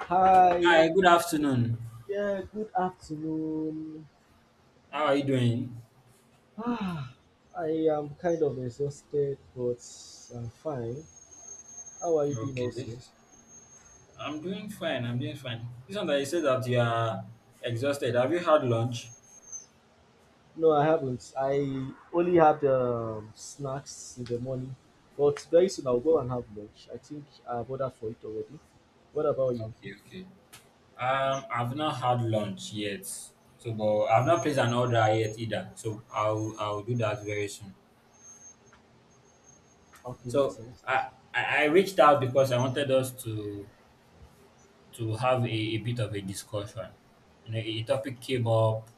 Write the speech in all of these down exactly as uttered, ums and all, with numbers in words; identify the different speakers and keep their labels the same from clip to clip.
Speaker 1: Hi,
Speaker 2: Hi, good afternoon.
Speaker 1: yeah, good afternoon.
Speaker 2: How are you doing?
Speaker 1: Ah, I am kind of exhausted, but I'm fine. How are you doing,
Speaker 2: Okay.
Speaker 1: also?
Speaker 2: I'm doing fine. I'm doing fine. This one that you said that you are exhausted, have you had lunch?
Speaker 1: No, I haven't. I only had um, snacks in the morning, but very soon I'll go and have lunch. I think I've ordered for it already. What about you?
Speaker 2: Okay, okay. Um, I've not had lunch yet. So, but I've not placed an order yet either. So I'll I'll do that very soon.
Speaker 1: Okay, makes
Speaker 2: So
Speaker 1: sense.
Speaker 2: I I I reached out because I wanted us to to have a, a bit of a discussion. You know, a topic came up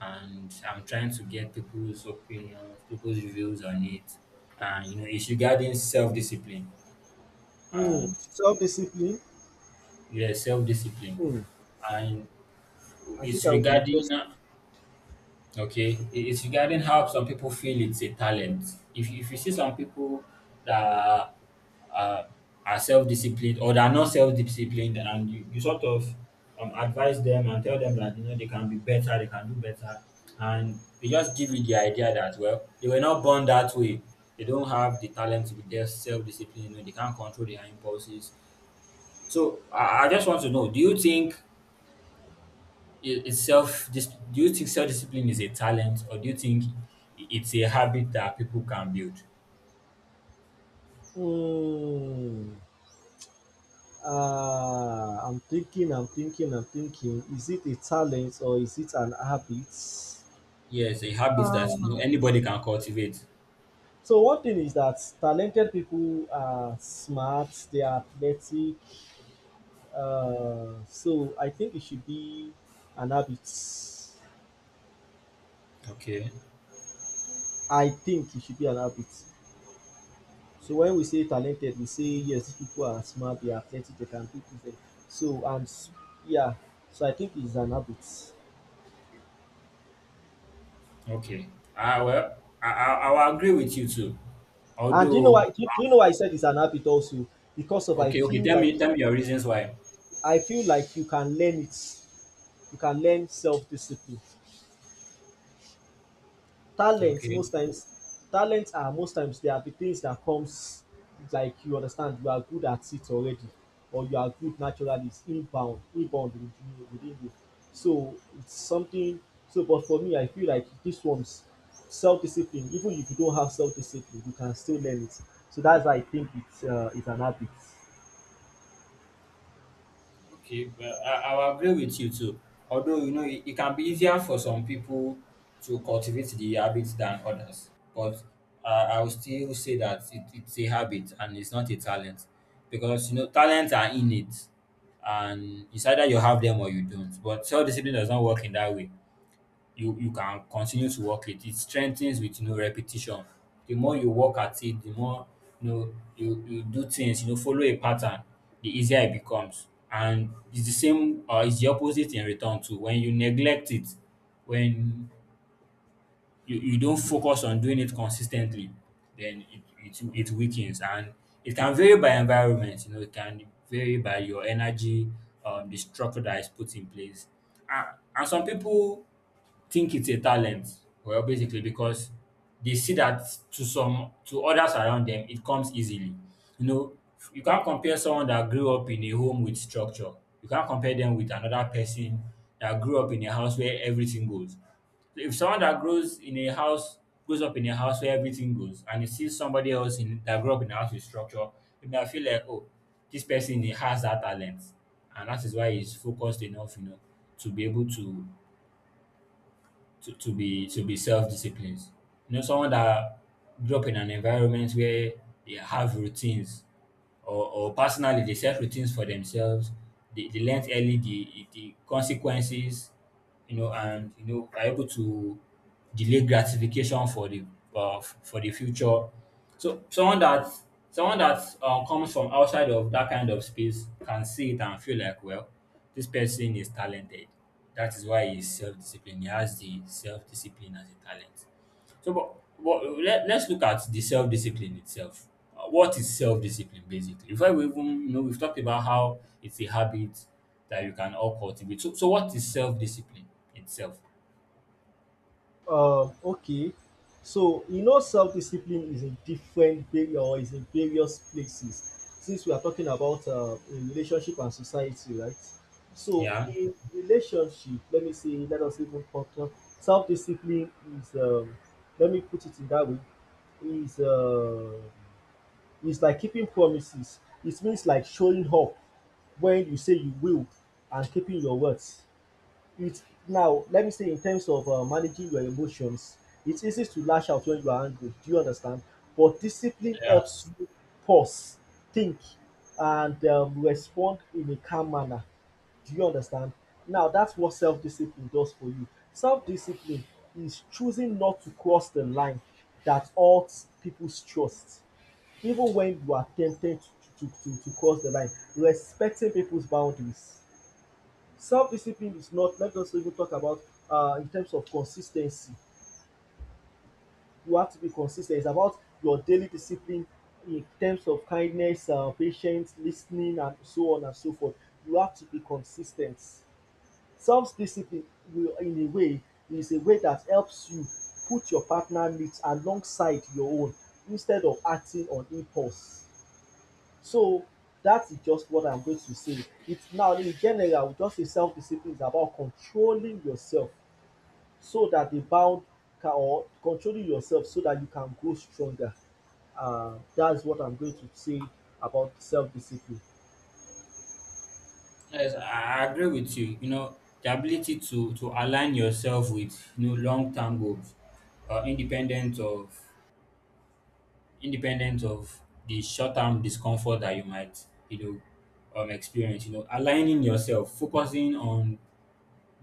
Speaker 2: and I'm trying to get people's opinions, people's views on it. And you know, it's regarding self-discipline
Speaker 1: Hmm.
Speaker 2: and
Speaker 1: Self discipline.
Speaker 2: yeah, self-discipline,
Speaker 1: Hmm.
Speaker 2: and
Speaker 1: I think
Speaker 2: it's
Speaker 1: I would be
Speaker 2: regarding.
Speaker 1: interested.
Speaker 2: Okay, it- it's regarding how some people feel it's a talent. If if you see some people that are, uh, are self disciplined or that are not self disciplined, and you, you sort of um, advise them and tell them that you know they can be better, they can do better, and they just give you the idea that well they were not born that way. They don't have the talent to be self disciplined. You know, they can't control their impulses. So I, I just want to know: do you think i- is self dis- do you think self-discipline is a talent, or do you think i- it's a habit that people can build?
Speaker 1: Hmm. Uh, I'm thinking, I'm thinking, I'm thinking. Is it a talent or is it an habit?
Speaker 2: Yes, a habit that
Speaker 1: Uh,
Speaker 2: you know, anybody can cultivate.
Speaker 1: so one thing is that talented people are smart, they are athletic. Uh, so I think it should be an habit.
Speaker 2: Okay,
Speaker 1: I think it should be an habit. So when we say talented, we say yes, these people are smart, they are athletic, they can do things. So and s- yeah, so I think it's an habit.
Speaker 2: okay. Ah, well, I, I i will agree with you too,
Speaker 1: And do you know
Speaker 2: although.
Speaker 1: why? Do you, do you know why I said it's an habit also? Because of I
Speaker 2: Okay, okay,
Speaker 1: feel
Speaker 2: tell
Speaker 1: like
Speaker 2: me tell me your reasons why.
Speaker 1: I feel like you can learn it. You can learn self discipline. Talents
Speaker 2: Okay.
Speaker 1: most times, talents are most times they are the things that comes like you understand you are good at it already, or you are good naturally. It's inbound, inbound within you. Within you. So it's something. So, but for me, I feel like this one's self discipline. Even if you don't have self discipline, you can still learn it. So that's why I think it's uh, it's an habit.
Speaker 2: Okay, well, I, I'll agree with you too. Although, you know, it, it can be easier for some people to cultivate the habit than others. But uh, I will still say that it, it's a habit and it's not a talent. Because, you know, talents are innate and it's either you have them or you don't. But self discipline does not work in that way. You you can continue to work it. It strengthens with you know repetition. The more you work at it, the more you know you, you do things, you know, follow a pattern, the easier it becomes. And it's the same or it's the opposite in return too. When you neglect it, when you, you don't focus on doing it consistently, then it, it it weakens, and it can vary by environment, you know, it can vary by your energy, um, the structure that is put in place. And, and some people think it's a talent. Well, basically, because they see that to some to others around them, it comes easily. You know, you can't compare someone that grew up in a home with structure. You can't compare them with another person that grew up in a house where everything goes. If someone that grows in a house grows up in a house where everything goes, and you see somebody else in that grew up in a house with structure, you may feel like, oh, this person he has that talent, and that is why he's focused enough, you know, to be able to to, to be to be self-disciplined. You know, someone that grew up in an environment where they have routines, or or personally they set routines for themselves. They, they learn early the the consequences, you know, and you know are able to delay gratification for the uh, f- for the future. So someone that someone that uh, comes from outside of that kind of space can see it and feel like, well, this person is talented. That is why he's self-disciplined. He has the self-discipline as a talent. So, but but let, let's look at the self discipline itself. Uh, What is self discipline basically? Before we even you know, we've talked about how it's a habit that you can all cultivate. So, so what is self discipline itself?
Speaker 1: Um, okay. So, you know self-discipline is in different area or is in various places since we are talking about um, in relationship and society, right? So,
Speaker 2: Yeah,
Speaker 1: in relationship, let me say, let us even talk to self-discipline is, um, let me put it in that way, is uh, is like keeping promises. It means like showing up when you say you will and keeping your words. It's now let me say in terms of uh, managing your emotions, it's easy to lash out when you are angry. Do you understand? But discipline
Speaker 2: yeah,
Speaker 1: helps you pause, think, and um, respond in a calm manner. Do you understand? Now that's what self-discipline does for you. Self-discipline is choosing not to cross the line that hurts people's trust, even when you are tempted to, to, to, to cross the line, respecting people's boundaries. Self-discipline is not let us even talk about uh, in terms of consistency. You have to be consistent. It's about your daily discipline in terms of kindness, um patience, listening, and so on and so forth. You have to be consistent. Self-discipline will in a way is a way that helps you put your partner needs alongside your own instead of acting on impulse. So that's just what I'm going to say. It's now in general just a self-discipline is about controlling yourself so that the bound can or controlling yourself so that you can grow stronger. Uh, that's what I'm going to say about self discipline.
Speaker 2: yes, I I agree with you. You know, the ability to to align yourself with you know long term goals, uh, independent of independent of the short term discomfort that you might you know um experience. You know, aligning yourself, focusing on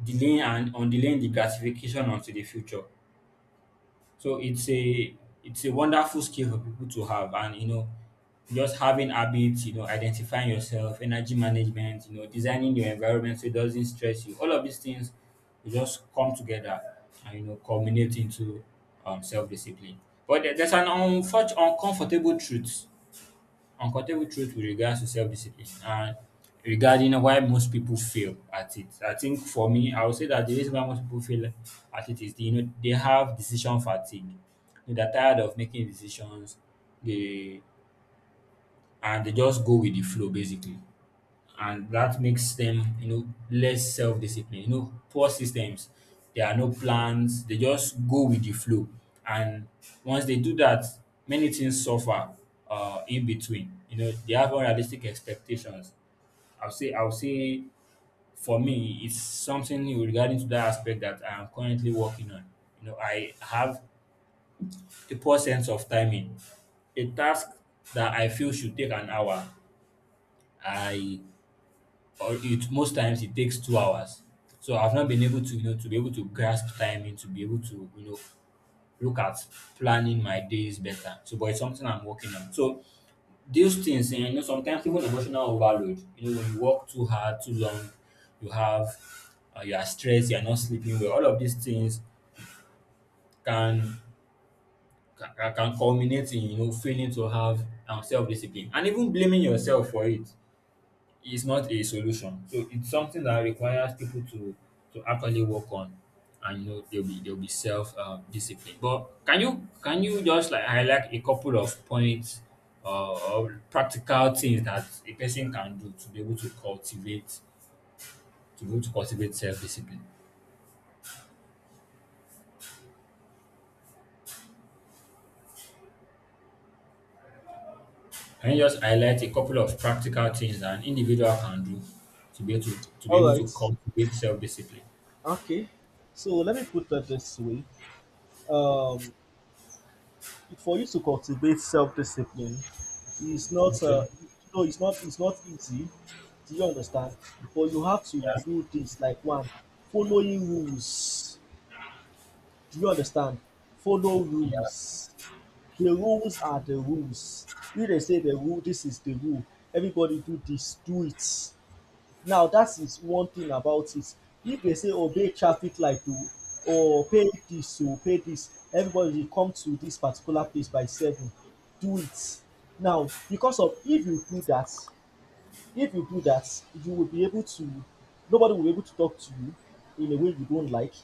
Speaker 2: delaying and undelaying the gratification until the future. So it's a it's a wonderful skill for people to have, and you know, just having habits, you know, identifying yourself, energy management, you know, designing your environment so it doesn't stress you. All of these things will just come together and you know culminate into um, self-discipline. But there- there's an unfortunate, uncomfortable truth. Uncomfortable truth with regards to self-discipline and regarding why most people fail at it. I think for me, I would say that the reason why most people fail at it is, the, you know, they have decision fatigue. You know, they're tired of making decisions. They and they just go with the flow basically, and that makes them you know less self-disciplined, you know poor systems, there are no plans, they just go with the flow, and once they do that many things suffer uh in between. You know they have unrealistic expectations. i'll say I'll say for me it's something regarding to that aspect that I'm currently working on. You know I have a poor sense of timing. A task that I feel should take an hour, I or it most times it takes two hours. So I've not been able to, you know, to be able to grasp timing, to be able to, you know, look at planning my days better. So, but it's something I'm working on. So these things, and you know, sometimes even emotional overload. You know, when you work too hard, too long, you have, uh, you are stressed, you are not sleeping well. All of these things can can, can culminate in you know failing to have um, self discipline and even blaming yourself for it. It's not a solution. So it's something that requires people to to actually work on, and you know they'll be they'll be self um, discipline. But can you can you just like highlight a couple of points uh, or practical things that a person can do to be able to cultivate to be able to cultivate self discipline? Can you just highlight a couple of practical things that an individual can do to be able to, to be
Speaker 1: All
Speaker 2: able to
Speaker 1: right.
Speaker 2: cultivate self discipline?
Speaker 1: Okay. So let me put it this way. Um, for you to cultivate self discipline it's not uh,
Speaker 2: Okay.
Speaker 1: no, it's not it's not easy. Do you understand? But you have to
Speaker 2: Yeah.
Speaker 1: do things like one, following rules. Do you understand? Follow
Speaker 2: Yeah.
Speaker 1: rules. The rules are the rules. If dem say the rule dis is the rule, everybody do dis, do it. Now dat is one thing about it. If dem say obey traffic light oh or pay dis oh, pay dis, everybody dey come to dis particular place by seven, do it. Now because of if you do dat if you do that, you will be able to, nobody will be able to talk to you in a way you don't like.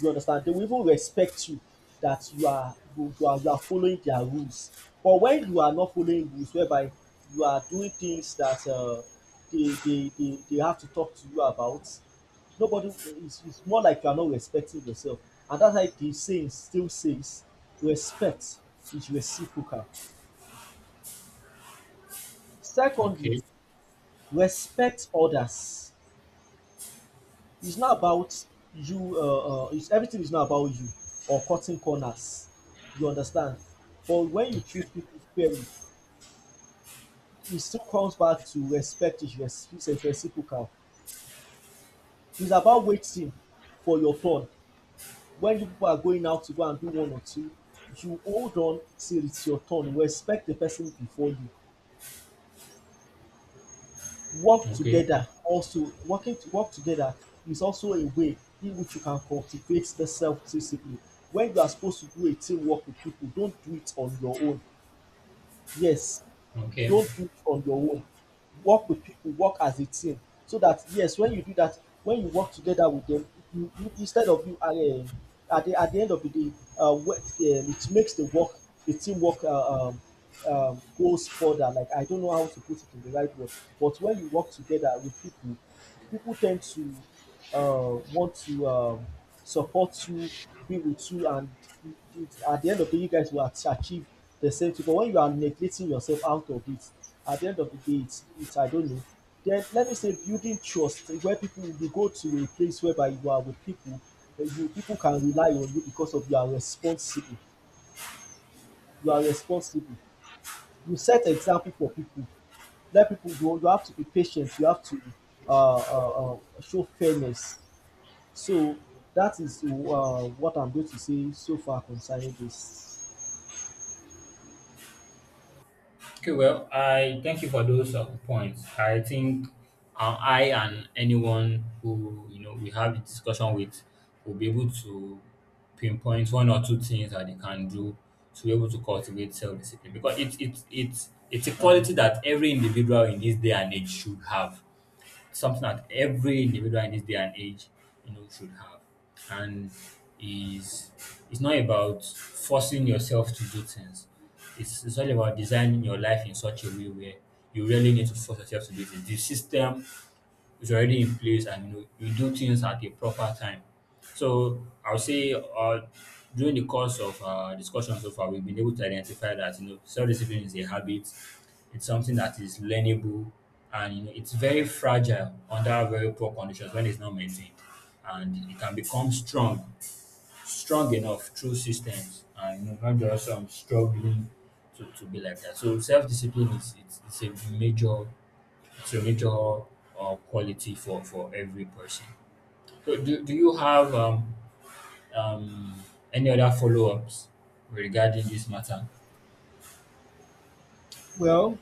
Speaker 1: You understand? They will even respect you that you are you are, you are following their rules. But when you are not following rules, whereby you are doing things that uh, they, they, they, they have to talk to you about, nobody, it's, it's more like you are not respecting yourself. And that's why the saying still says, respect is reciprocal. Secondly,
Speaker 2: Okay.
Speaker 1: respect others. It's not about you uh, uh, it's everything is not about you or cutting corners. You understand? But when you treat people fairly, it still comes back to respect is res- is a reciprocal. It's about waiting for your turn. When you people are going out to go and do one or two, you hold on till it's your turn. Respect the person before you. Work
Speaker 2: Okay.
Speaker 1: together also working to work together is also a way in which you can cultivate the self discipline when you are supposed to do a teamwork with people, don't do it on your own. Yes,
Speaker 2: Okay.
Speaker 1: don't do it on your own. Work with people, work as a team. So that yes, when you do that, when you work together with them, you, you instead of you uh, at the at the end of the day, uh, wh- um, it makes the work, the teamwork uh, um, um, goes further. Like I don't know how to put it in the right way, but when you work together with people, people tend to uh, want to um, support you, be with you, and it, it, at the end of the day, you guys will ach- achieve the same thing. But when you are neglecting yourself out of it, at the end of the day, it's, it's I don't know. Then let me say building trust where people you go to a place whereby you are with people, uh, you people can rely on you because of you are responsible. You are responsible. You set example for people. Let people go. You have to be patient. You have to uh, uh, uh, show fairness so that is uh, what I'm going to say so far concerning this.
Speaker 2: Okay, well, I thank you for those uh, points. I think uh, I and anyone who you know we have a discussion with will be able to pinpoint one or two things that they can do to be able to cultivate self-discipline, because it's it's it's it's a quality that every individual in this day and age should have, something that every individual in this day and age, you know, should have. And is it's not about forcing yourself to do things. It's it's all about designing your life in such a way where you really need to force yourself to do things. The system it's already in place and you know you do things at a proper time. So I'll say uh, during the course of uh, discussion so far, we've been able to identify that you know self-discipline is a habit. It's something that is learnable, and you know it's very fragile under very poor conditions when it's not maintained, and it can become strong, strong enough through systems, and you know, not just um, struggling to, to be like that. So self-discipline is it's, it's a major curator uh, quality for for every person. So do, do you have um, um, any other follow-ups regarding this matter?
Speaker 1: Well,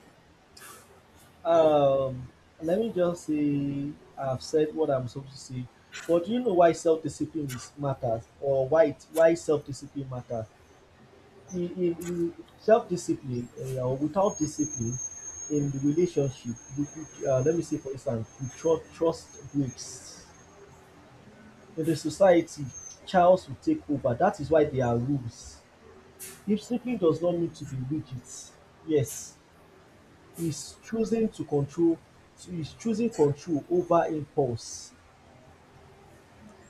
Speaker 1: um, let me just say I've said what I'm supposed to say. But do you know why self-discipline is matters, or why it, why self-discipline matters? In, in, in self-discipline, uh, or without discipline, in the relationship, you, you- uh, let me say for instance, you trust, trust breaks. In the society, chaos will take over. That is why there are rules. If simply does not need to be rigid, yes, he's choosing to control he's choosing control over impulse.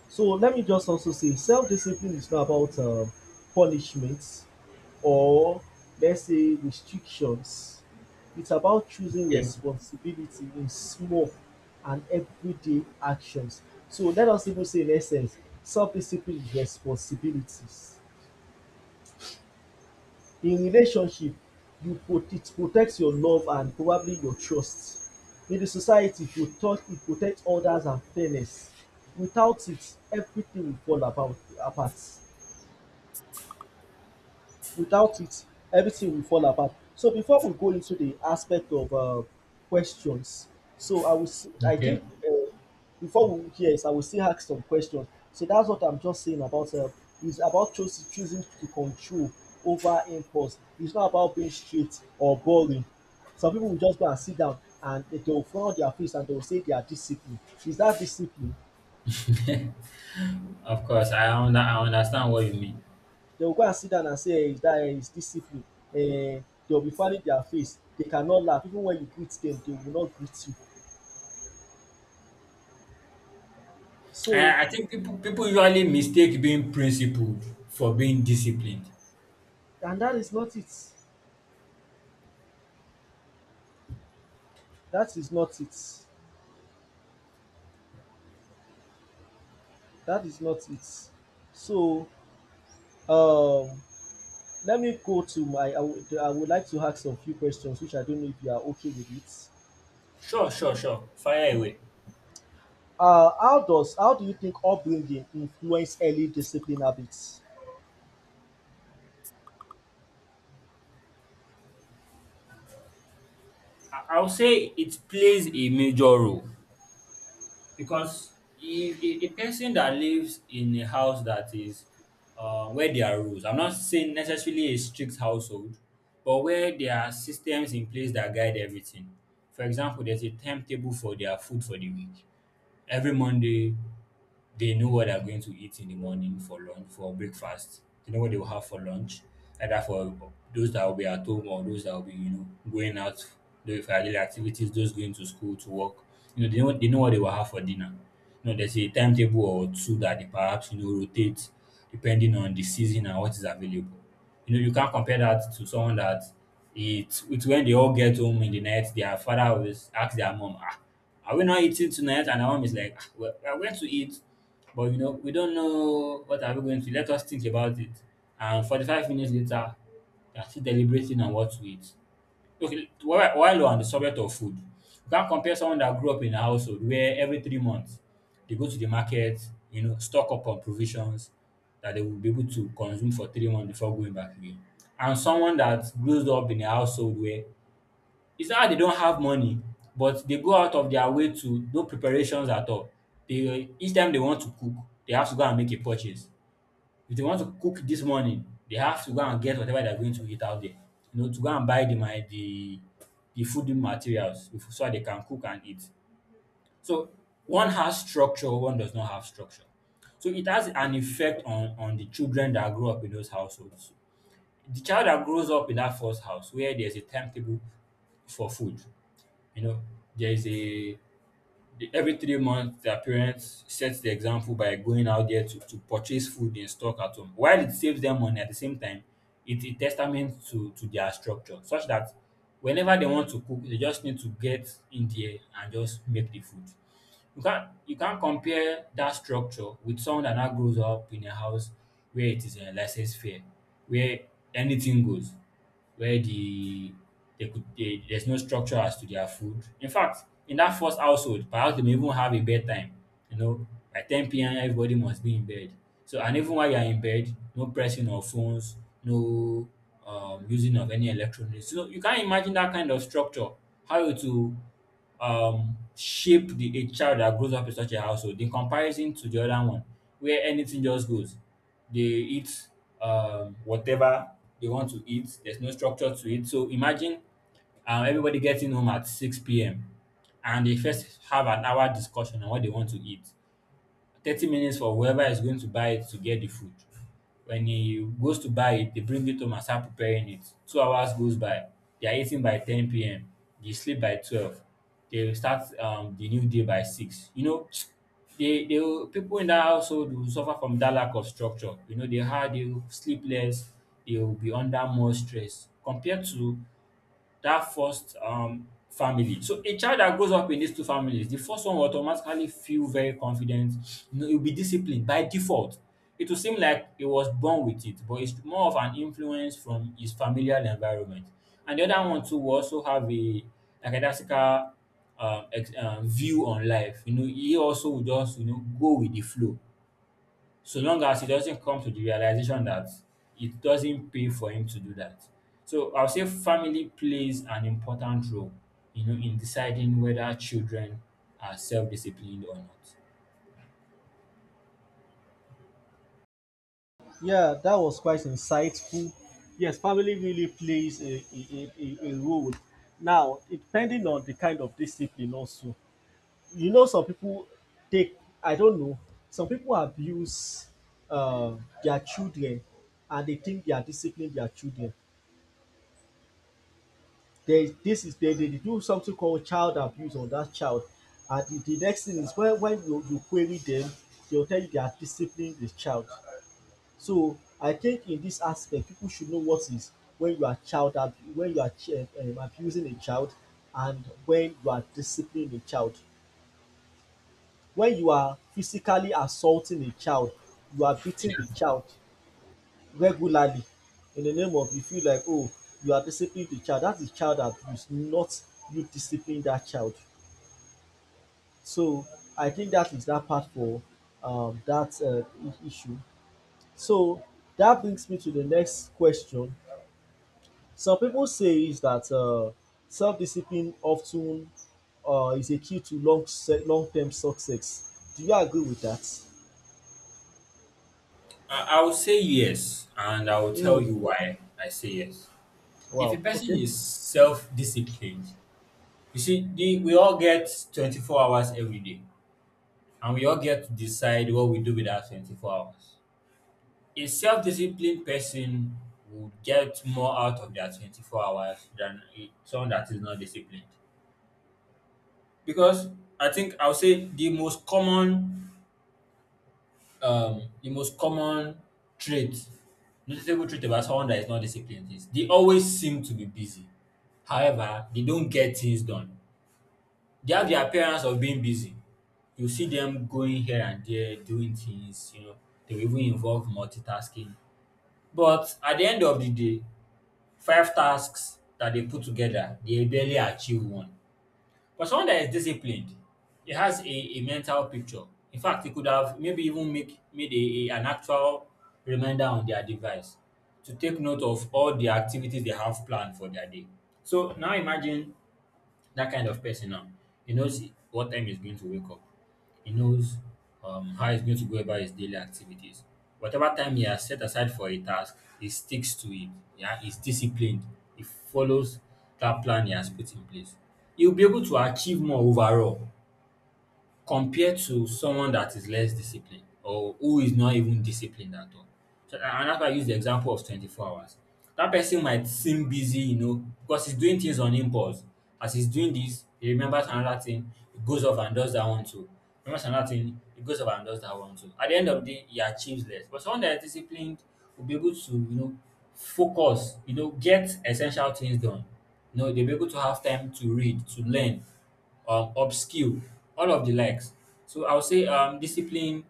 Speaker 1: So let me just also say self-discipline is not about uh, punishments or let's say restrictions. It's about choosing
Speaker 2: Okay,
Speaker 1: responsibility in small and everyday actions. So let us even say in essence, self-discipline is responsibilities. In relationship, you it protects your love and probably your trust. In the society, it protect it protect others and fairness. Without it, everything will fall about apart. Without it, everything will fall apart. So before we go into the aspect of uh, questions, so I will, s- I
Speaker 2: okay.
Speaker 1: think uh, before we yes, I will still ask some questions. So that's what I'm just saying about uh, is about choosing choosing to control over impulse. It's not about being straight or boring. Some people will just go and sit down and they- they'll frown on their face and they'll say they are disciplined. Is that discipline?
Speaker 2: Of course, I, under, I understand what you mean.
Speaker 1: They will go and sit down and say eh, that eh, is discipline. Eh, they'll be fanning their face. They cannot laugh. Even when you greet them, they will not greet you. So,
Speaker 2: I, I think people people usually mistake being principled for being disciplined.
Speaker 1: and that is not it. That is not it. That is not it. So, um, let me go to my. I would, I would like to ask some few questions, which I don't know if you are okay with it.
Speaker 2: Sure, sure, sure. Fire away.
Speaker 1: Uh, how does how do you think upbringing influence early discipline habits?
Speaker 2: I, I'll say it plays a major role, because if a, a person that lives in a house that is uh, where there are rules, I'm not saying necessarily a strict household but where there are systems in place that guide everything. For example there's a timetable for their food for the week. Every monday they know what they're going to eat in the morning for lunch for breakfast. They know what they will have for lunch, either for those that will be at home or those that will be, you know, going out doing for daily activities, those going to school to work. You know, they know they know what they will have for dinner. You know, there's a timetable or two that they perhaps you know rotate depending on the season and what is available. You know, you can't compare that to someone that it it's when they all get home in the night, their father always ask their mom, ah, are we not eating tonight? And our mom is like, ah, well, we are going to eat, but you know, we don't know what are we going to. Let us think about it. And forty-five minutes later, they're still deliberating on what to eat. Okay, while while we're on the subject of food, we can compare someone that grew up in a household where every three months they go to the market, you know, stock up on provisions that they will be able to consume for three months before going back again. And someone that grows up in a household where it's not that they don't have money, but they go out of their way to no preparations at all. They each time they want to cook, they have to go and make a purchase. If they want to cook this morning, they have to go and get whatever they're going to eat out there. You know, to go and buy the my the the food materials bef- so that they can cook and eat. So one has structure, one does not have structure. So it has an effect on on the children that grow up in those households. The child that grows up in that first house where there's a timetable for food, you know, there is a the- every three months their parents set the example by going out there to, to purchase food in stock at home while it saves them money at the same time. It's a testament to to their structure such that whenever they want to cook they just need to get in there and just make the food. You can't you can't compare that structure with someone that now grows up in a house where it is a license fair, where anything goes, where the they could they, there's no structure as to their food. In fact, in that first household, perhaps they may even have a bedtime. You know, by ten p m everybody must be in bed. So and even while you're in bed, no pressing of phones, no um, using of any electronics. So you can't imagine that kind of structure, how it will um shape the a child that grows up in such a household in comparison to the other one where anything just goes. They eat um whatever they want to eat. There's no structure to it. So imagine um everybody getting home at six p m and they first have an hour discussion on what they want to eat. Thirty minutes for whoever is going to buy it to get the food. When he goes to buy it, they bring it home and start preparing it. Two hours goes by. They are eating by ten p.m. They sleep by twelve. They start um, the new day by six. You know, they they will- people in that household will suffer from that lack of structure. You know, they hard, they will sleep less, they will be under more stress compared to that first um, family. So a child that grows up in these two families, the first one will automatically feel very confident. You know, he'll be disciplined by default. It will seem like he was born with it, but it's more of an influence from his familial environment. And the other one too will also have a like a classical um, ex- um, view on life. You know, he also will just you know go with the flow, so long as he doesn't come to the realization that it doesn't pay for him to do that. So I'll say family plays an important role, you know, in deciding whether children are self-disciplined or not.
Speaker 1: Yeah, that was quite insightful. Yes, family really plays a, a, a, a a role. Now, it depending on the kind of discipline, also, you know, some people take, I don't know, some people abuse uh, their children and they think they are disciplining their children. They, this is they, they do something called child abuse on that child. And the, the next thing is when, when you, you query them, they'll tell you they are disciplining the child. So I think in this aspect, people should know what is when you are child ab- when you are ch- um, abusing a child and when you are disciplining a child. When you are physically assaulting a child, you are beating the
Speaker 2: Yeah.
Speaker 1: child regularly in the name of you feel like oh you are disciplining the child. That is child abuse, not you disciplining that child. So I think that is that part for um, that uh, i- issue. So that brings me to the next question. Some people say is that uh, self-discipline often uh, is a key to long se- long-term success. Do you agree with that?
Speaker 2: I, I will say yes, and I will tell
Speaker 1: Mm.
Speaker 2: you why I say yes. If a
Speaker 1: Wow.
Speaker 2: person
Speaker 1: Okay.
Speaker 2: is self-disciplined, you see, the, we all get twenty-four hours every day, and we all get to decide what we do with our twenty-four hours. A self-disciplined person would get more out of their twenty-four hours than a someone that is not disciplined. Because I think I'll say the most common um the most common trait, noticeable trait about someone that is not disciplined is they always seem to be busy. However, they don't get things done. They have the appearance of being busy. You see them going here and there, doing things, you know, they will even involve multitasking. But at the end of the day, five tasks that they put together, they barely achieve one. But someone that is disciplined, he has a, a mental picture. In fact, he could have maybe even make made a, a- an actual reminder on their device to take note of all the activities they have planned for their day. So now imagine that kind of person now. He knows what time he's going to wake up. He knows um, how he's going to go about his daily activities. Whatever time he has set aside for a task, he sticks to it. Yeah, he's disciplined. He follows that plan he has put in place. He'll be able to achieve more overall compared to someone that is less disciplined or who is not even disciplined at all. So, a- and that's why I use the example of twenty-four hours. That person might seem busy, you know, because he's doing things on impulse. As he's doing this, he remembers another thing, he goes off and does that one too. Remembers another thing, he goes off and does that one too. At the end of the day, he achieves less. But someone that is disciplined will be able to, you know, focus, you know, get essential things done. You know, they'll be able to have time to read, to learn, um, upskill, all of the likes. So I'll say um, discipline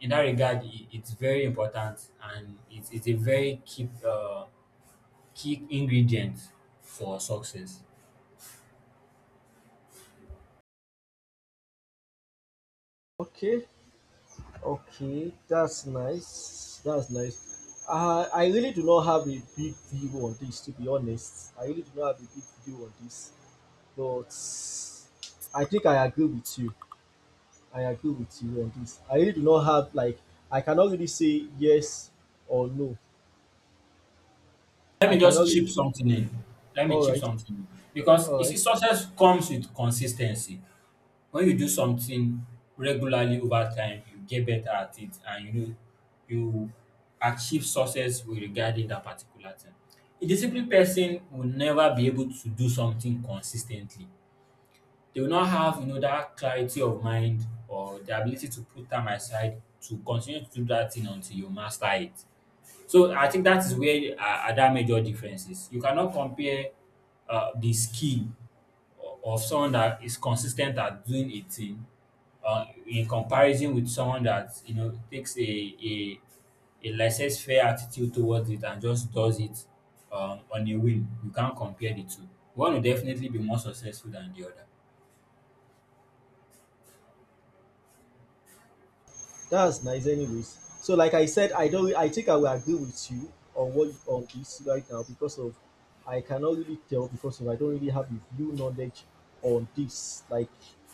Speaker 2: in that regard, I- it's very important and it's, it's a very key, uh, key ingredient for success.
Speaker 1: Okay. Okay. That's nice. That's nice. Uh, I really do not have a big view on this, to be honest. I really do not have a big view on this, but I think I agree with you. I agree with you on this. I really do not have, like, I cannot really say yes or no.
Speaker 2: Let
Speaker 1: I
Speaker 2: me
Speaker 1: cannot
Speaker 2: just
Speaker 1: really.
Speaker 2: chip something in. Let me
Speaker 1: All
Speaker 2: chip
Speaker 1: right,
Speaker 2: something in. Because you
Speaker 1: all
Speaker 2: see,
Speaker 1: right.
Speaker 2: success comes with consistency. When you do something regularly over time you get better at it and you know you achieve success with regarding that particular thing. A disciplined person will never be able to do something consis ten tly. They will not have you know that clarity of mind or the ability to put time aside to continue to do that thing until you master it. So I think that is where uh, are that major differences. You cannot compare uh, the skill o- of someone that is consistent at doing a thing uh, in comparison with someone that you know takes a a, a laissez-faire attitude towards it and just does it um, on a whim. You can't compare the two. One will definitely be more successful than the other.
Speaker 1: That's nice anyways. So like I said, I don't I think I will agree with you on what on this right now because of I cannot really tell because of I don't really have the full knowledge on this. Like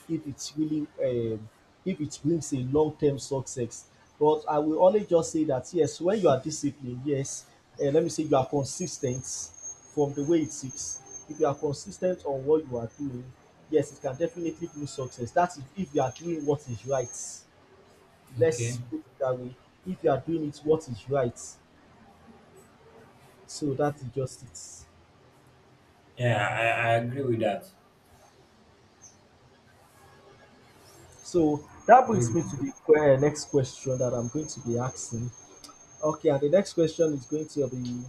Speaker 1: if it's really, um, if it brings a long term success. But I will only just say that yes, when you are disciplined, yes, uh, let me say you are consistent from the way it is. If you are consistent on what you are doing, yes, it can definitely bring success. That is if you are doing what is right, let's
Speaker 2: Okay.
Speaker 1: put it that way. If you are doing it, what is right? So that is just it.
Speaker 2: Yeah, I, I agree with that.
Speaker 1: So that
Speaker 2: I agree
Speaker 1: brings
Speaker 2: with
Speaker 1: me
Speaker 2: that.
Speaker 1: to the que- eh, next question that I'm going to be asking. Okay, and the next question is going to be: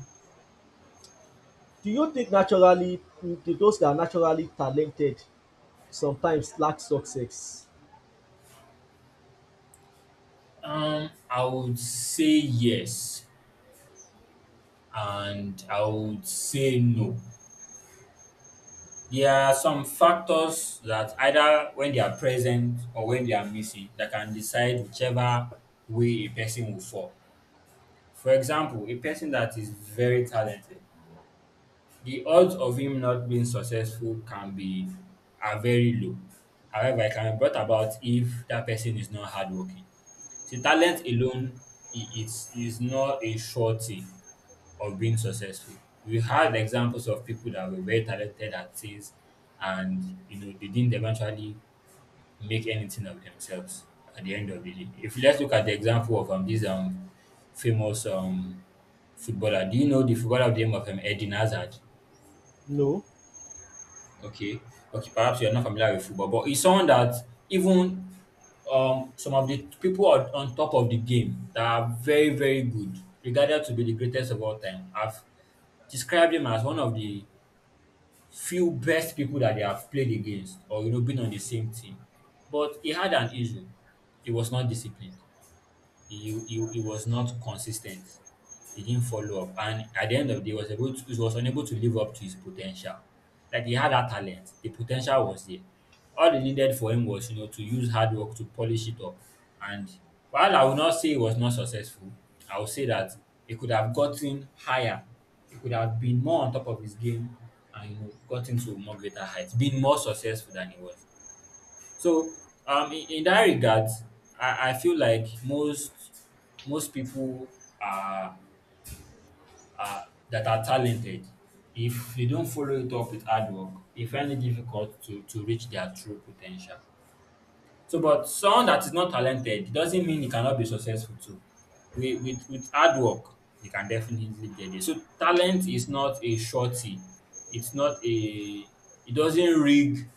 Speaker 1: Do you think naturally do those that are naturally talented sometimes lack success?
Speaker 2: Um, I would say yes, and I would say no. There are some factors that either when they are present or when they are missing that can decide whichever way a person will fall. For example, a person that is very talented, the odds of him not being successful can be are very low. However, it can be brought about if that person is not hardworking. See, talent alone I- is is not a surety of being successful. We have examples of people that were very talented at things and you know they didn't eventually make anything of themselves at the end of the day. If you let's look at the example of um this um famous um footballer. Do you know the footballer of the name of um Eden Hazard?
Speaker 1: No.
Speaker 2: Okay. Okay, perhaps you're not familiar with football, but he's someone that even um some of the people on, on top of the game that are very, very good, regarded to be the greatest of all time, have described him as one of the few best people that they have played against or you know been on the same team. But he had an issue. He was not disciplined. He, he, he was not consistent. He didn't follow up. And at the end of the day, was able to, he was unable to live up to his potential. Like he had that talent. The potential was there. All he needed for him was, you know, to use hard work to polish it up. And while I will not say he was not successful, I will say that he could have gotten higher. He could have been more on top of his game and you know gotten to more greater heights, been more successful than he was. So um in, in that regard, I, I feel like most most people are, are that are talented. If they don't follow it up with hard work, they find it difficult to, to reach their true potential. So, but someone that is not talented it doesn't mean he cannot be successful too. With with with hard work, you can definitely get there. So talent is not a shorty. It's not a it doesn't rig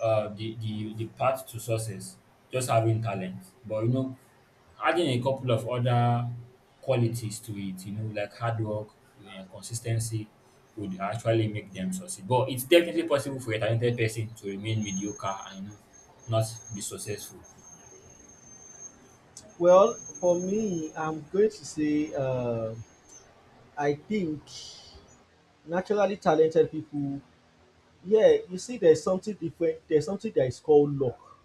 Speaker 2: uh the, the the path to success, just having talent. But you know Adding a couple of other qualities to it, you know, like hard work, yeah, consistency would actually make them succeed. But it's definitely possible for a talented person to remain mediocre and you know, not be successful.
Speaker 1: Well, for me, I'm going to say, um I think naturally talented people. Yeah, you see, there's something different. There's something that is called luck.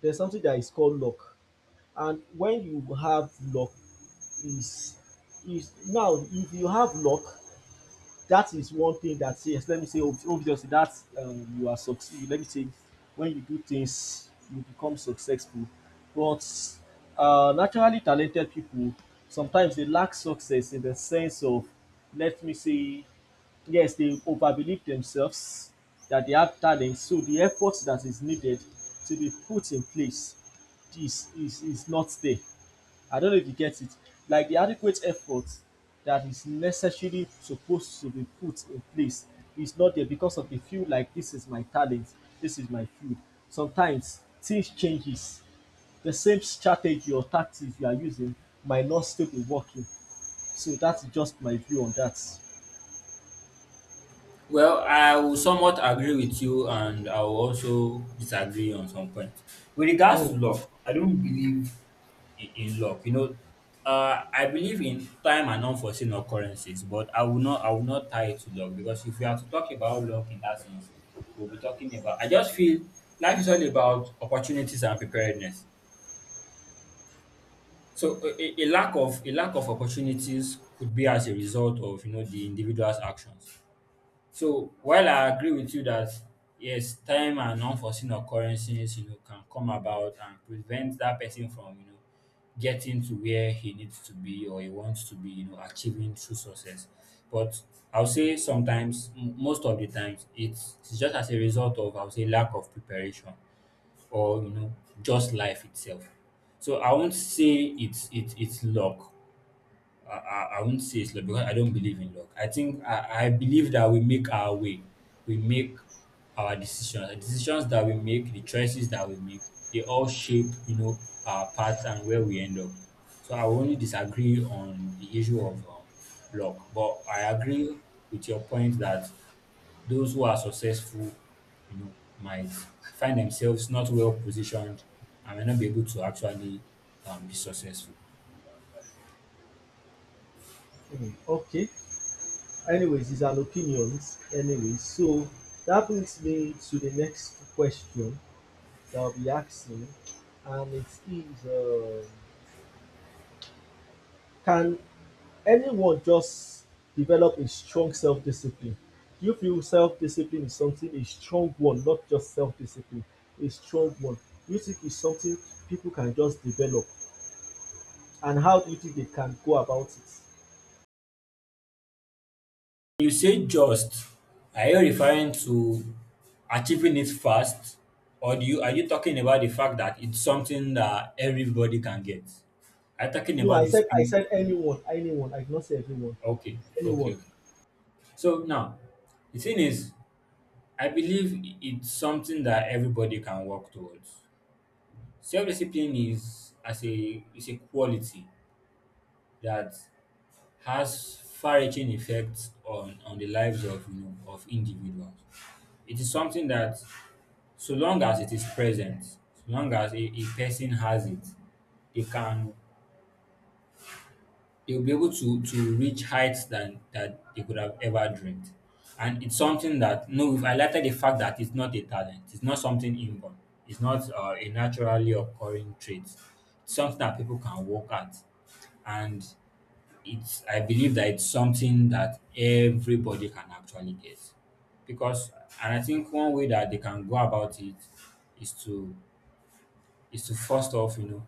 Speaker 1: There's something that is called luck. And when you have luck is is now if you have luck, that is one thing that, yes, let me say obviously that, um, you are succeed. Let me say when you do things, you become successful. But uh, naturally talented people sometimes they lack success in the sense of, let me say, yes, they overbelieve themselves, that they have talent, so the effort that is needed to be put in place is is is not there. I don't know if you get it. Like the adequate effort that is necessarily supposed to be put in place is not there, because of the feel like this is my talent, this is my field. Sometimes things changes. The same strategy or tactics you are using might not still be working. So that's just my view on that.
Speaker 2: Well, I will somewhat agree with you, and I will also disagree on some points. With regards to luck, I don't believe in, in luck. You know, uh, I believe in time and unforeseen occurrences, but I will not I will not tie it to luck, because if we are to talk about luck in that sense, we'll be talking about I just feel life is all about opportunities and preparedness. So a, a a lack of a lack of opportunities could be as a result of, you know, the individual's actions. So while I agree with you that yes, time and unforeseen occurrences, you know, can come about and prevent that person from, you know, getting to where he needs to be or he wants to be, you know, achieving true success. But I'll say sometimes, m- most of the times, it's, it's just as a result of, I'll say, lack of preparation, or, you know, just life itself. So I won't say it's, it's, it's luck. I, I, I won't say it's luck because I don't believe in luck. I think I, I believe that we make our way, we make our decisions, the decisions that we make, the choices that we make, they all shape, you know, our path and where we end up. So I will only disagree on the issue of um, luck, but I agree with your point that those who are successful, you know, might find themselves not well positioned and may not be able to actually, um, be successful.
Speaker 1: Hmm, okay, anyways, it's an opinions. Anyway, so that brings me to the next question that I'll be asking, and it is, um can anyone just develop a strong self discipline? Do you feel self discipline is something, a strong one, not just self discipline, a strong one? Do you think it's something people can just develop? And how do you think they can go about it?
Speaker 2: You say "just," are you referring to achieving it fast, or do you are you talking about the fact that it's something that everybody can get? Are you talking
Speaker 1: No, I
Speaker 2: about the
Speaker 1: said, I
Speaker 2: speed?
Speaker 1: said anyone, anyone. I did not say everyone,
Speaker 2: Okay, okay,
Speaker 1: anyone.
Speaker 2: okay. So now, the thing is, I believe it's something that everybody can work towards. Self-discipline is as a is a quality that has far-reaching effects on on the lives of, you know, of individuals. It is something that so long as it is present, so long as a, a person has it, they can they'll be able to to reach heights than that they could have ever dreamed. And it's something that no, we've highlighted the fact that it's not a talent, it's not something inborn, it's not uh, a naturally occurring trait. It's something that people can work at, and it's I believe that it's something that everybody can actually get, because and I think one way that they can go about it is to is to, first off, you know,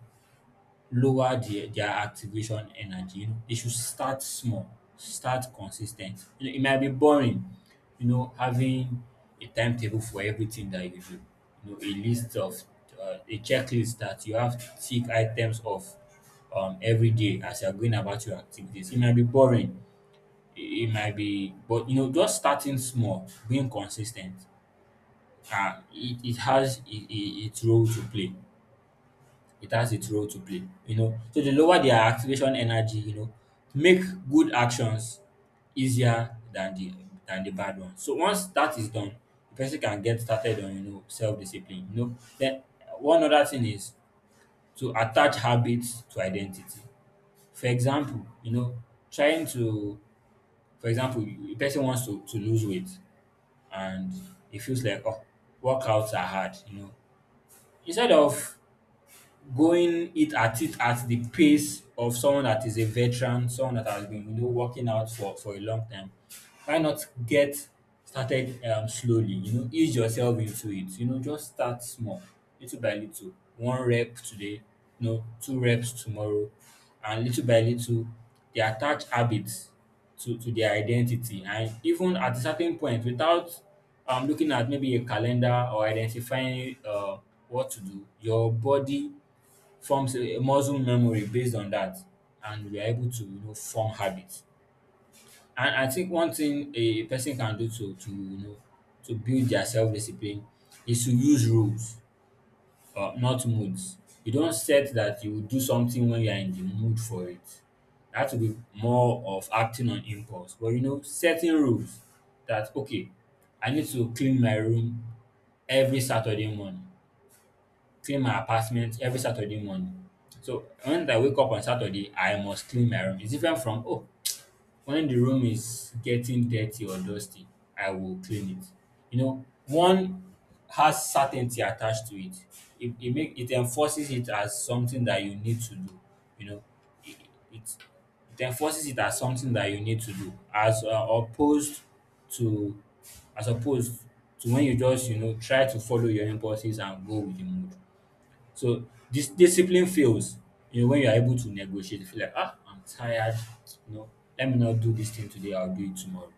Speaker 2: lower the, their activation energy. You know, they should start small, start consistent. You know, it might be boring, you know, having a timetable for everything that you do. You know, a list of, uh, a checklist that you have to tick items of, um, every day as you're going about your activities. It might be boring. It, it might be, but you know, just starting small, being consistent. Uh, it, it has I I its role to play, it has its role to play, you know. So they lower their activation energy, you know, make good actions easier than the than the bad ones. So once that is done, the person can get started on, you know, self discipline. You know, then, uh, one other thing is to attach habits to identity. For example, you know, trying to, for example, you- a person wants to to lose weight, and it feels like, oh, workouts are hard. You know, instead of going it at it at the pace of someone that is a veteran, someone that has been, you know, working out for for a long time. Why not get started, um, slowly? You know, ease yourself into it. You know, just start small, little by little. One rep today, you know, two reps tomorrow, and little by little, they attach habits to to their identity. And even at a certain point, without, um, looking at maybe a calendar or identifying, uh, what to do, your body forms a muscle memory based on that, and we are able to, you know, form habits. And I think one thing a person can do to to you know, to build their self-discipline is to use rules, uh, not moods. You don't set that you will do something when you are in the mood for it; that will be more of acting on impulse. But you know, setting rules that okay, I need to clean my room every Saturday morning, clean my apartment every Saturday morning. So when I wake up on Saturday, I must clean my room. It's different from, oh, when the room is getting dirty or dusty, I will clean it. You know, one has certainty attached to it. It, it make it enforces it as something that you need to do. You know, it, it it enforces it as something that you need to do, as, uh, opposed to as opposed to when you just, you know, try to follow your impulses and go with the mood. So dis discipline fails, you know, when you are able to negotiate. You feel like, ah, I'm tired, you know, let me not do this thing today, I'll do it tomorrow.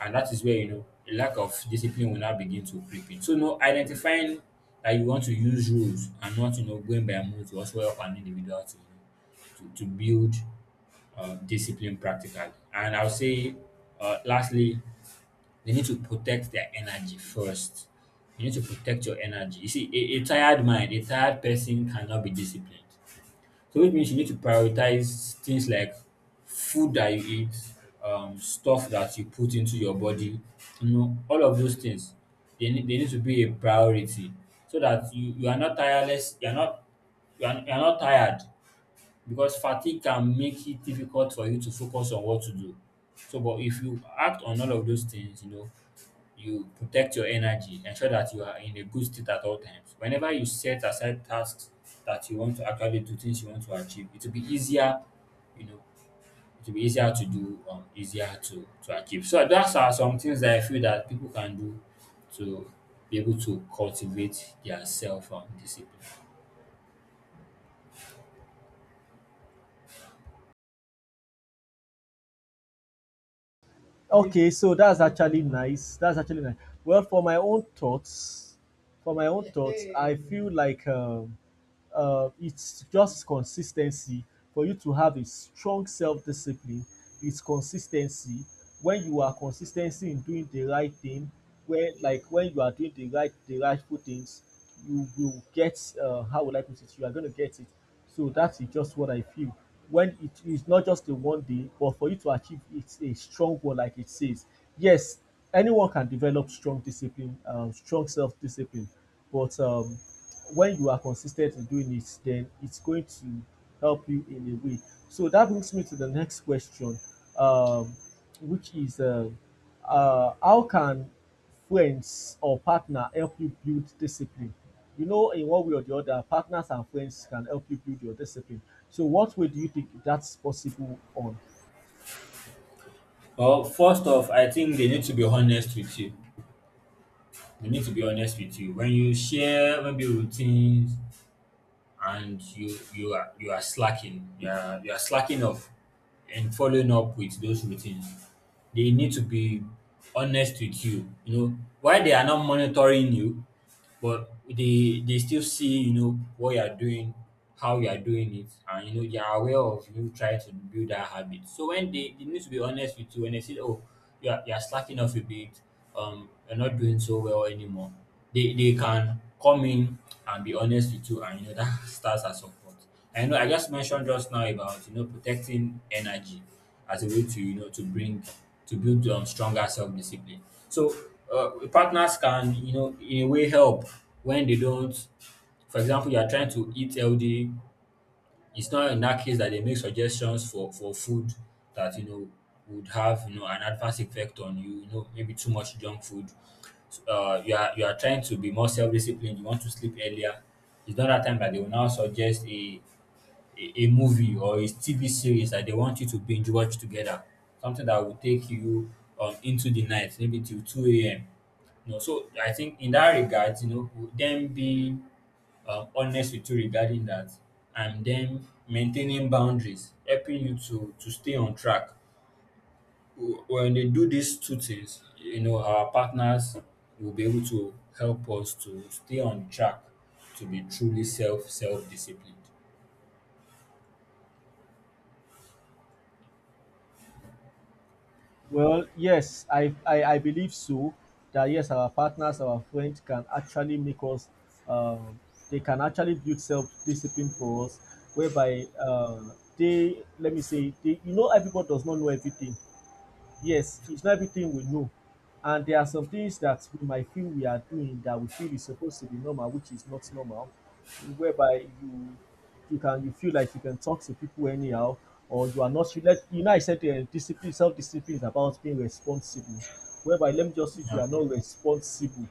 Speaker 2: And that is where, you know, a lack of discipline will now begin to creep in. So, you know, identifying that you want to use rules and not, you know, going by mood will also help an individual to, you know, to to build, uh, discipline practically. And I'll say, uh, lastly, they need to protect their energy first. You need to protect your energy. You see, a, a tired mind, a tired person cannot be disciplined. So it means you need to prioritize things like food that you eat, um, stuff that you put into your body, you know, all of those things. They need, they need to be a priority so that you, you are not tireless, you are not you are, you are not tired, because fatigue can make it difficult for you to focus on what to do. So, but if you act on all of those things, you know, you protect your energy, ensure that you are in a good state at all times. Whenever you set aside tasks that you want to actually do, things you want to achieve, it will be easier, you know, it will be easier to do, um, easier to to achieve. So that's are some things that I feel that people can do to be able to cultivate their self, um, discipline.
Speaker 1: Okay, so that's actually nice. That's actually nice. Well, for my own thoughts, for my own thoughts, I feel like, um, uh, it's just consistency for you to have a strong self-discipline. It's consistency when you are consistency in doing the right thing. When like when you are doing the right the rightful things, you will get. Uh, how would I put it? You are going to get it. So that is just what I feel. When it is not just a one day, but for you to achieve it's a strong one, like it says. Yes, anyone can develop strong discipline, um, strong self discipline, but um, when you are consistent in doing it, then it's going to help you in a way. So that brings me to the next question, um, which is, uh, uh, how can friends or partner help you build discipline? You know, in one way or the other, partners and friends can help you build your discipline. So, what way do you think that's possible on?
Speaker 2: Well, first off, I think they need to be honest with you. You need to be honest with you when you share maybe routines, and you you are you are slacking, you are, you are slacking off and following up with those routines. They need to be honest with you, you know, why they are not monitoring you, but they they still see, you know, what you are doing, how you are doing it, and you know, they are aware of you trying to build that habit. So when they, they need to be honest with you when they see, oh, you are, you are slacking off a bit, um, you're not doing so well anymore, they they can come in and be honest with you, and you know that starts as support. I know I just mentioned just now about, you know, protecting energy as a way to, you know, to bring to build, um, stronger self discipline. So, uh, partners can, you know, in a way help when they don't. For example, you are trying to eat healthy. It's not in that case that they make suggestions for for food that, you know, would have, you know, an adverse effect on you. You know, maybe too much junk food. So, uh, you are you are trying to be more self disciplined. You want to sleep earlier. It's not that time that they will now suggest a a, a movie or a T V series that they want you to binge watch together, something that will take you, um, into the night, maybe till two a m. You know, so I think in that regard, you know, them being, um, honest with you regarding that and then maintaining boundaries, helping you to to stay on track. W- When they do these two things, you know, our partners will be able to help us to stay on track, to be truly self self disciplined.
Speaker 1: Well, yes, I, I, I believe so. That, yes, our partners, our friends can actually make us, um, they can actually build self discipline for us, whereby, uh, they, let me say, they, you know, everybody does not know everything. Yes, it's not everything we know, and there are some things that we might feel we are doing that we feel is supposed to be normal, which is not normal, whereby you you can, you feel like you can talk to people anyhow, or you are not, you, let, you know, I said um discipline self-discipline is about being responsible, whereby let me just say you are not responsible.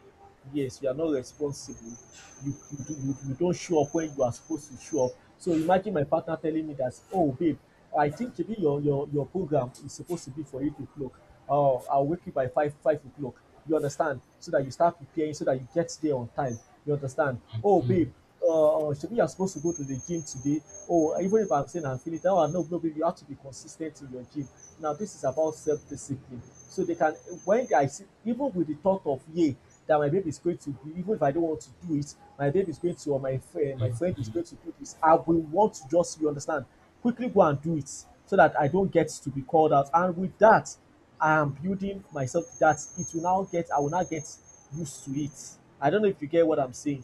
Speaker 1: Yes, you are not responsible. You you do you, you don't show up when you are supposed to show up. So imagine my partner telling me that, oh, babe, I think, Shebi, your your your program is supposed to be for eight o'clock. Oh, I'll wake you by five five o'clock. You understand? So that you start preparing, so that you get there on time. You understand? Oh, babe, uh, Shebi, you're supposed to go to the gym today. Oh, even if I'm saying I'm feeling down, oh, no, no, babe, you have to be consistent in your gym. Now, this is about self discipline. So they can, when I see, even with the thought of, yeah, that my baby is going to be, even if I don't want to do it, my baby is going to, or my friend my friend is going to do this, I will want to just, you understand, quickly go and do it, so that I don't get to be called out. And with that I am building myself that, it will now get I will now get used to it. I don't know if you get what I'm saying.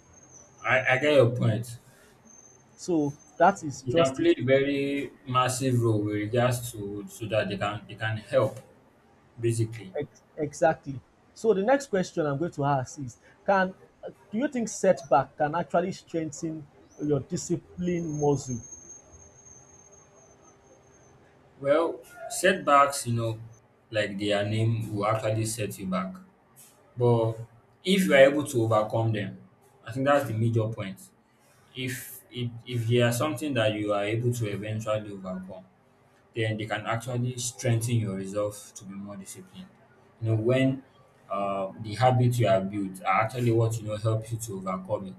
Speaker 2: I, I get your point.
Speaker 1: So that is
Speaker 2: They can
Speaker 1: just it.
Speaker 2: play a very massive role with regards to, so that they can they can help basically.
Speaker 1: Ex- exactly. So the next question I'm going to ask is: can do you think setback can actually strengthen your discipline muscle?
Speaker 2: Well, setbacks, you know, like their name will actually set you back. But if you are able to overcome them, I think that's the major point. If it if there are something that you are able to eventually overcome, then they can actually strengthen your resolve to be more disciplined. You know, when uh, the habits you have built are actually what you know helps you to overcome it,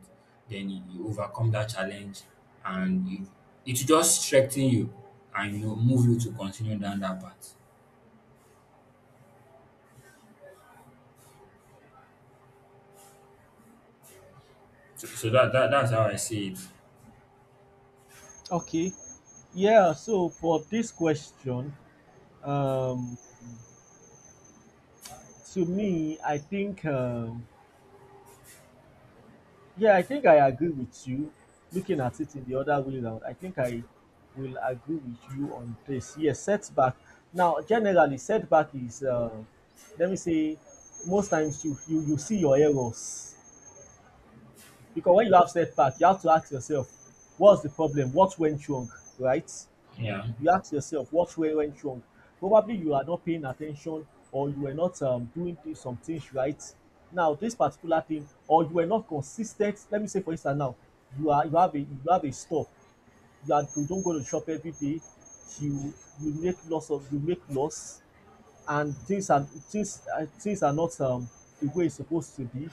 Speaker 2: then you, you overcome that challenge and you, it will just strengthen you and you know, move you to continue down that path. So, so that, that that's how I see it.
Speaker 1: Okay. Yeah, so for this question, um, to me, I think, um, yeah, I think I agree with you. Looking at it in the other way round, I think I will agree with you on this. Yes, setback. Now, generally, setback is, uh, let me say, most times you, you you see your errors, because when you have setback, you have to ask yourself, what's the problem? What went wrong, right?
Speaker 2: Yeah.
Speaker 1: You ask yourself what went went wrong. Probably you are not paying attention, or you were not, um, doing th- some things right. Now this particular thing, or you were not consistent. Let me say, for instance, now you are you have a you have a store. You are you don't go to shop every day. You you make loss of you make loss, and things are things uh, things are not, um, the way it's supposed to be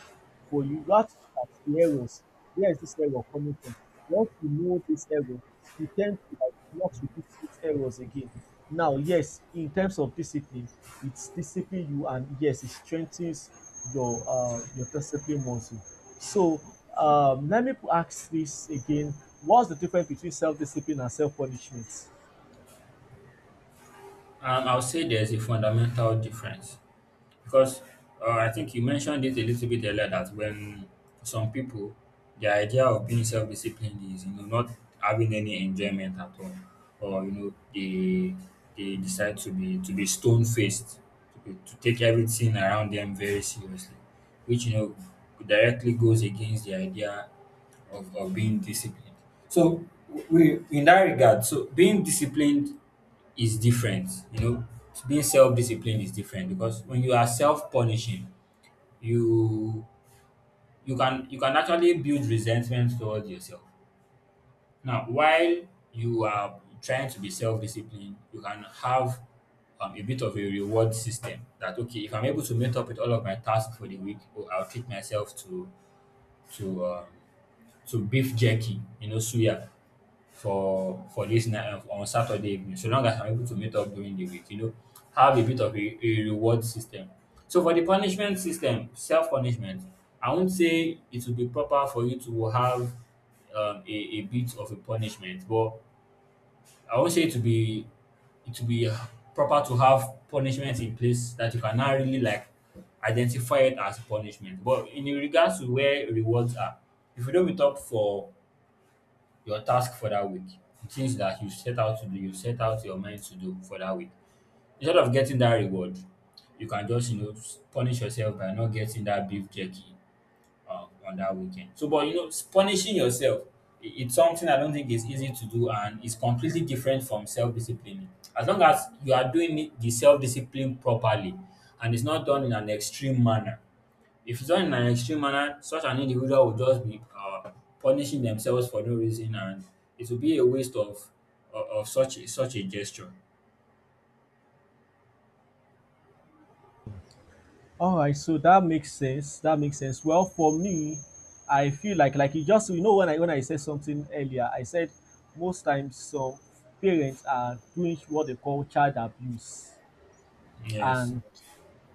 Speaker 1: for you. You have to look at the errors. Where is this error coming from? Once you know this error, you tend to like not repeat these errors again. Now, yes, in terms of discipline, it's discipline you, and yes, it strengthens your uh, your discipline muscle. So, um, let me ask this again: What's the difference between self-discipline and self-punishment?
Speaker 2: Um, I'll say there's a fundamental difference. Because uh, I think you mentioned it a little bit earlier that when some people, the idea of being self-disciplined is you know not having any enjoyment at all, or you know they they decide to be to be stone-faced, to, be, to take everything around them very seriously, which you know directly goes against the idea of, of being disciplined. So we in that regard, so being disciplined is different. You know, being self-disciplined is different because when you are self-punishing, you you can you can actually build resentment towards yourself. Now, while you are trying to be self-disciplined, you can have um, a bit of a reward system that okay, if I'm able to meet up with all of my tasks for the week, oh, I'll treat myself to to um, to beef jerky, you know, suya for for this night um, on Saturday evening. So long as I'm able to meet up during the week, you know, have a bit of a, a reward system. So for the punishment system, self punishment, I won't say it will be proper for you to have um, a, a bit of a punishment, but I won't say it to be it will be proper to have punishment in place that you cannot really like identify it as punishment. But in regards to where rewards are, if you don't meet up for your task for that week, the things that you set out to do, you set out your mind to do for that week. Instead of getting that reward, you can just you know s- punish yourself by not getting that beef jerky uh, on that weekend. So, but you know, s- punishing yourself i- it's something I don't think is easy to do, and it's completely different from self disciplining. As long as you are doing it- the self discipline properly, and it's not done in an extreme manner if done in an extreme manner, such an individual would just be uh, punishing themselves for no reason, and it would be a waste of of, of such a, such a gesture.
Speaker 1: All right, so that makes sense. That makes sense. Well, for me, I feel like like you just you know, when I when I said something earlier, I said most times some parents are doing what they call child abuse,
Speaker 2: Yes.
Speaker 1: and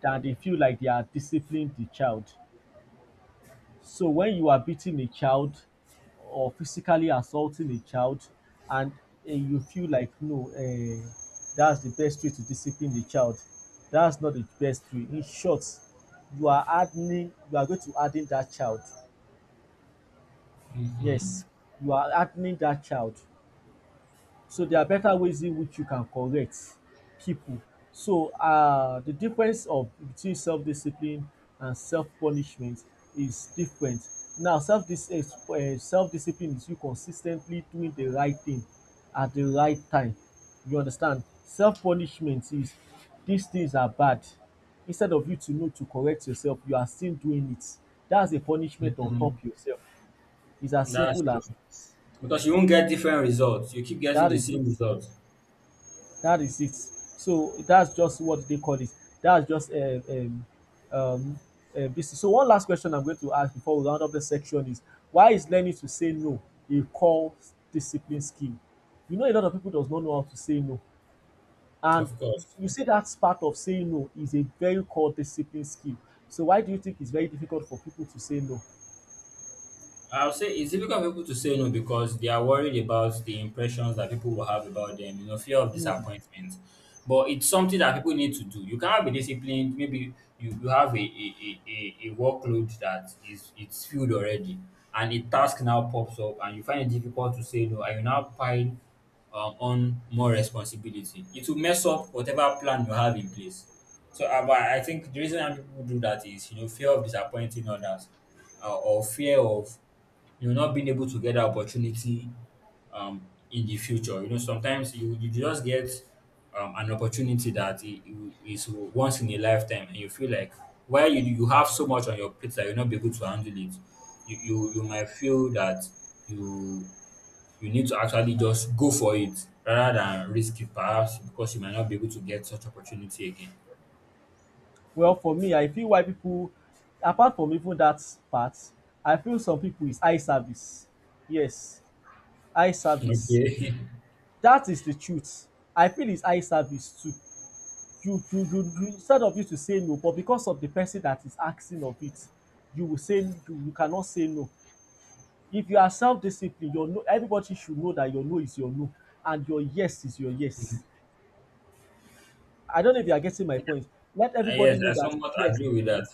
Speaker 1: that they feel like they are disciplining the child. So when you are beating a child or physically assaulting a child, and uh, you feel like, no, um that's the best way to discipline the child, that's not the best way. In short, you are hardening you are going to harden that child.
Speaker 2: Mhm.
Speaker 1: Yes, you are hardening that child. So there are better ways in which you can correct people. So, um the difference of between self-discipline and self-punishment is different. Now, self dis um self-discipline is you consistently doing the right thing at the right time, you understand. Self-punishment is, these things are bad, instead of you to know to correct yourself you are still doing it. That's a punishment on
Speaker 2: Mhm.
Speaker 1: top yourself. It's as
Speaker 2: That's
Speaker 1: simple
Speaker 2: true.
Speaker 1: as.
Speaker 2: Because you won't get different results. You keep getting
Speaker 1: Dat
Speaker 2: the
Speaker 1: is
Speaker 2: same
Speaker 1: it.
Speaker 2: results.
Speaker 1: That is it. So that's just what they call it. That's just, um, um, um, um, this. So one last question I'm going to ask before we round up the section is, why is learning to say no a core discipline skill? You know, a lot of people does not know how to say no, and
Speaker 2: Of course.
Speaker 1: you see that part of saying no is a very core discipline skill. So why do you think it's very difficult for people to say no?
Speaker 2: I'll say it's difficult for people to say no because they are worried about the impressions that people will have about them, you know, fear of
Speaker 1: Hmm.
Speaker 2: disappointment. But it's something that people need to do. You cannot be disciplined. Maybe you, you have a, a, a, a a workload that is it's filled already and a task now pops up and you find it difficult to say no and you now pile um, on more responsibility. It will mess up whatever plan you have in place. So uh, but I think the reason why people do that is, you know, fear of disappointing others uh, or fear of you not being able to get that opportunity um, in the future. You know, sometimes you, you just get um, an opportunity that i- i- is once in a lifetime, and you feel like while you, you have so much on your plate that you'll not be able to handle it, you, you, you might feel that you you need to actually just go for it rather than risk it perhaps because you might not be able to get such opportunity again.
Speaker 1: Well, for me, I feel why people, apart from even that part, I feel some people is eye service. Yes, eye service.
Speaker 2: Okay.
Speaker 1: Dat is the truth. I feel it's eye service too. You, you, you, you, instead of you to say no, but because of the person that is asking of it, you will say you, you cannot say no. If you are self-disciplined, your no, everybody should know that your no is your no and your yes is your yes. I don't know if you are getting my point. Let
Speaker 2: Ah,
Speaker 1: everybody
Speaker 2: yes,
Speaker 1: know
Speaker 2: I
Speaker 1: that,
Speaker 2: somewhat
Speaker 1: yes,
Speaker 2: agree with that.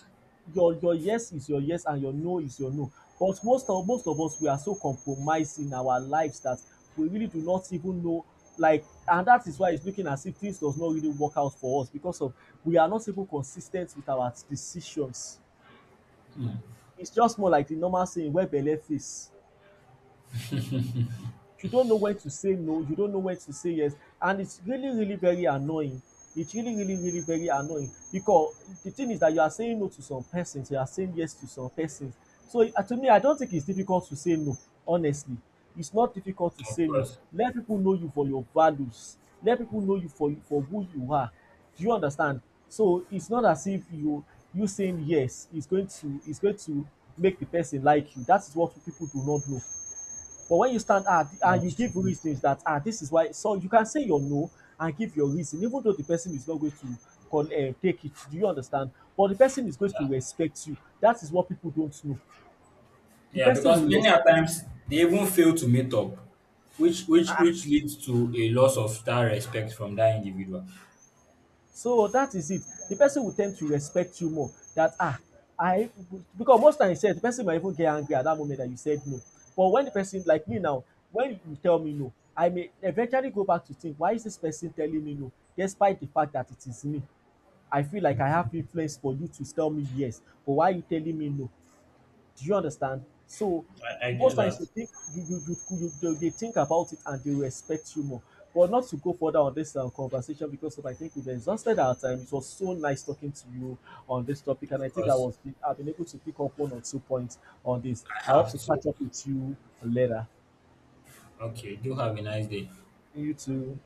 Speaker 1: your your yes is your yes, and your no is your no. But most of most of us, we are so compromised in our lives that we really do not even know, like, and that is why it's looking as if things does not really work out for us, because of, we are not even consis ten t with our decisions. It's just more like the normal saying, wey belle faes. You don't know when to say no, you don't know when to say yes, and it's really, really very annoying. It's really, really, really very annoying, because the thing is that you are saying no to some persons, you are saying yes to some persons. So, uh, to me, I don't think it's difficult to say no, honestly. It's not difficult to
Speaker 2: Of
Speaker 1: say no.
Speaker 2: course.
Speaker 1: Let people know you for your values. Let people know you for for who you are. Do you understand? So it's not as if you you saying yes is going to is going to make the person like you. That is what people do not know. But when you stand out and you
Speaker 2: That's true.
Speaker 1: give reasons that, ah, this is why, so you can say your no and give your reason, even though the person is not going to con um take it, do you understand, but the person is going to
Speaker 2: Yeah.
Speaker 1: respect you. That is what people don't know. The
Speaker 2: Yeah,
Speaker 1: person
Speaker 2: because
Speaker 1: will
Speaker 2: many a
Speaker 1: respect.
Speaker 2: times they even fail to meet up, which which which leads to a loss of that respect from that individual.
Speaker 1: So that is it. The person will tend to respect you more, that, ah, I, because most times said, the person might even get angry at that moment that you said no. But when the person, like me now, when you tell me no, I may eventually go back to think, why is this person telling me no, despite the fact that it is me? I feel like I have influence for you to tell me yes, but why are you telling me no? Do you understand? So
Speaker 2: I, I
Speaker 1: most
Speaker 2: get
Speaker 1: times you
Speaker 2: that,
Speaker 1: think, you you you, you they, they think about it, and they will respect you more. But not to go further on this, uh, conversation, because of, I think we've exhausted our time. It was so nice talking to you on this topic, and I
Speaker 2: of
Speaker 1: think I
Speaker 2: course.
Speaker 1: was I've been able to pick up one or two points on this. I
Speaker 2: I
Speaker 1: hope
Speaker 2: have
Speaker 1: to
Speaker 2: to.
Speaker 1: catch up with you later.
Speaker 2: Okay, do have a nice day.
Speaker 1: You too.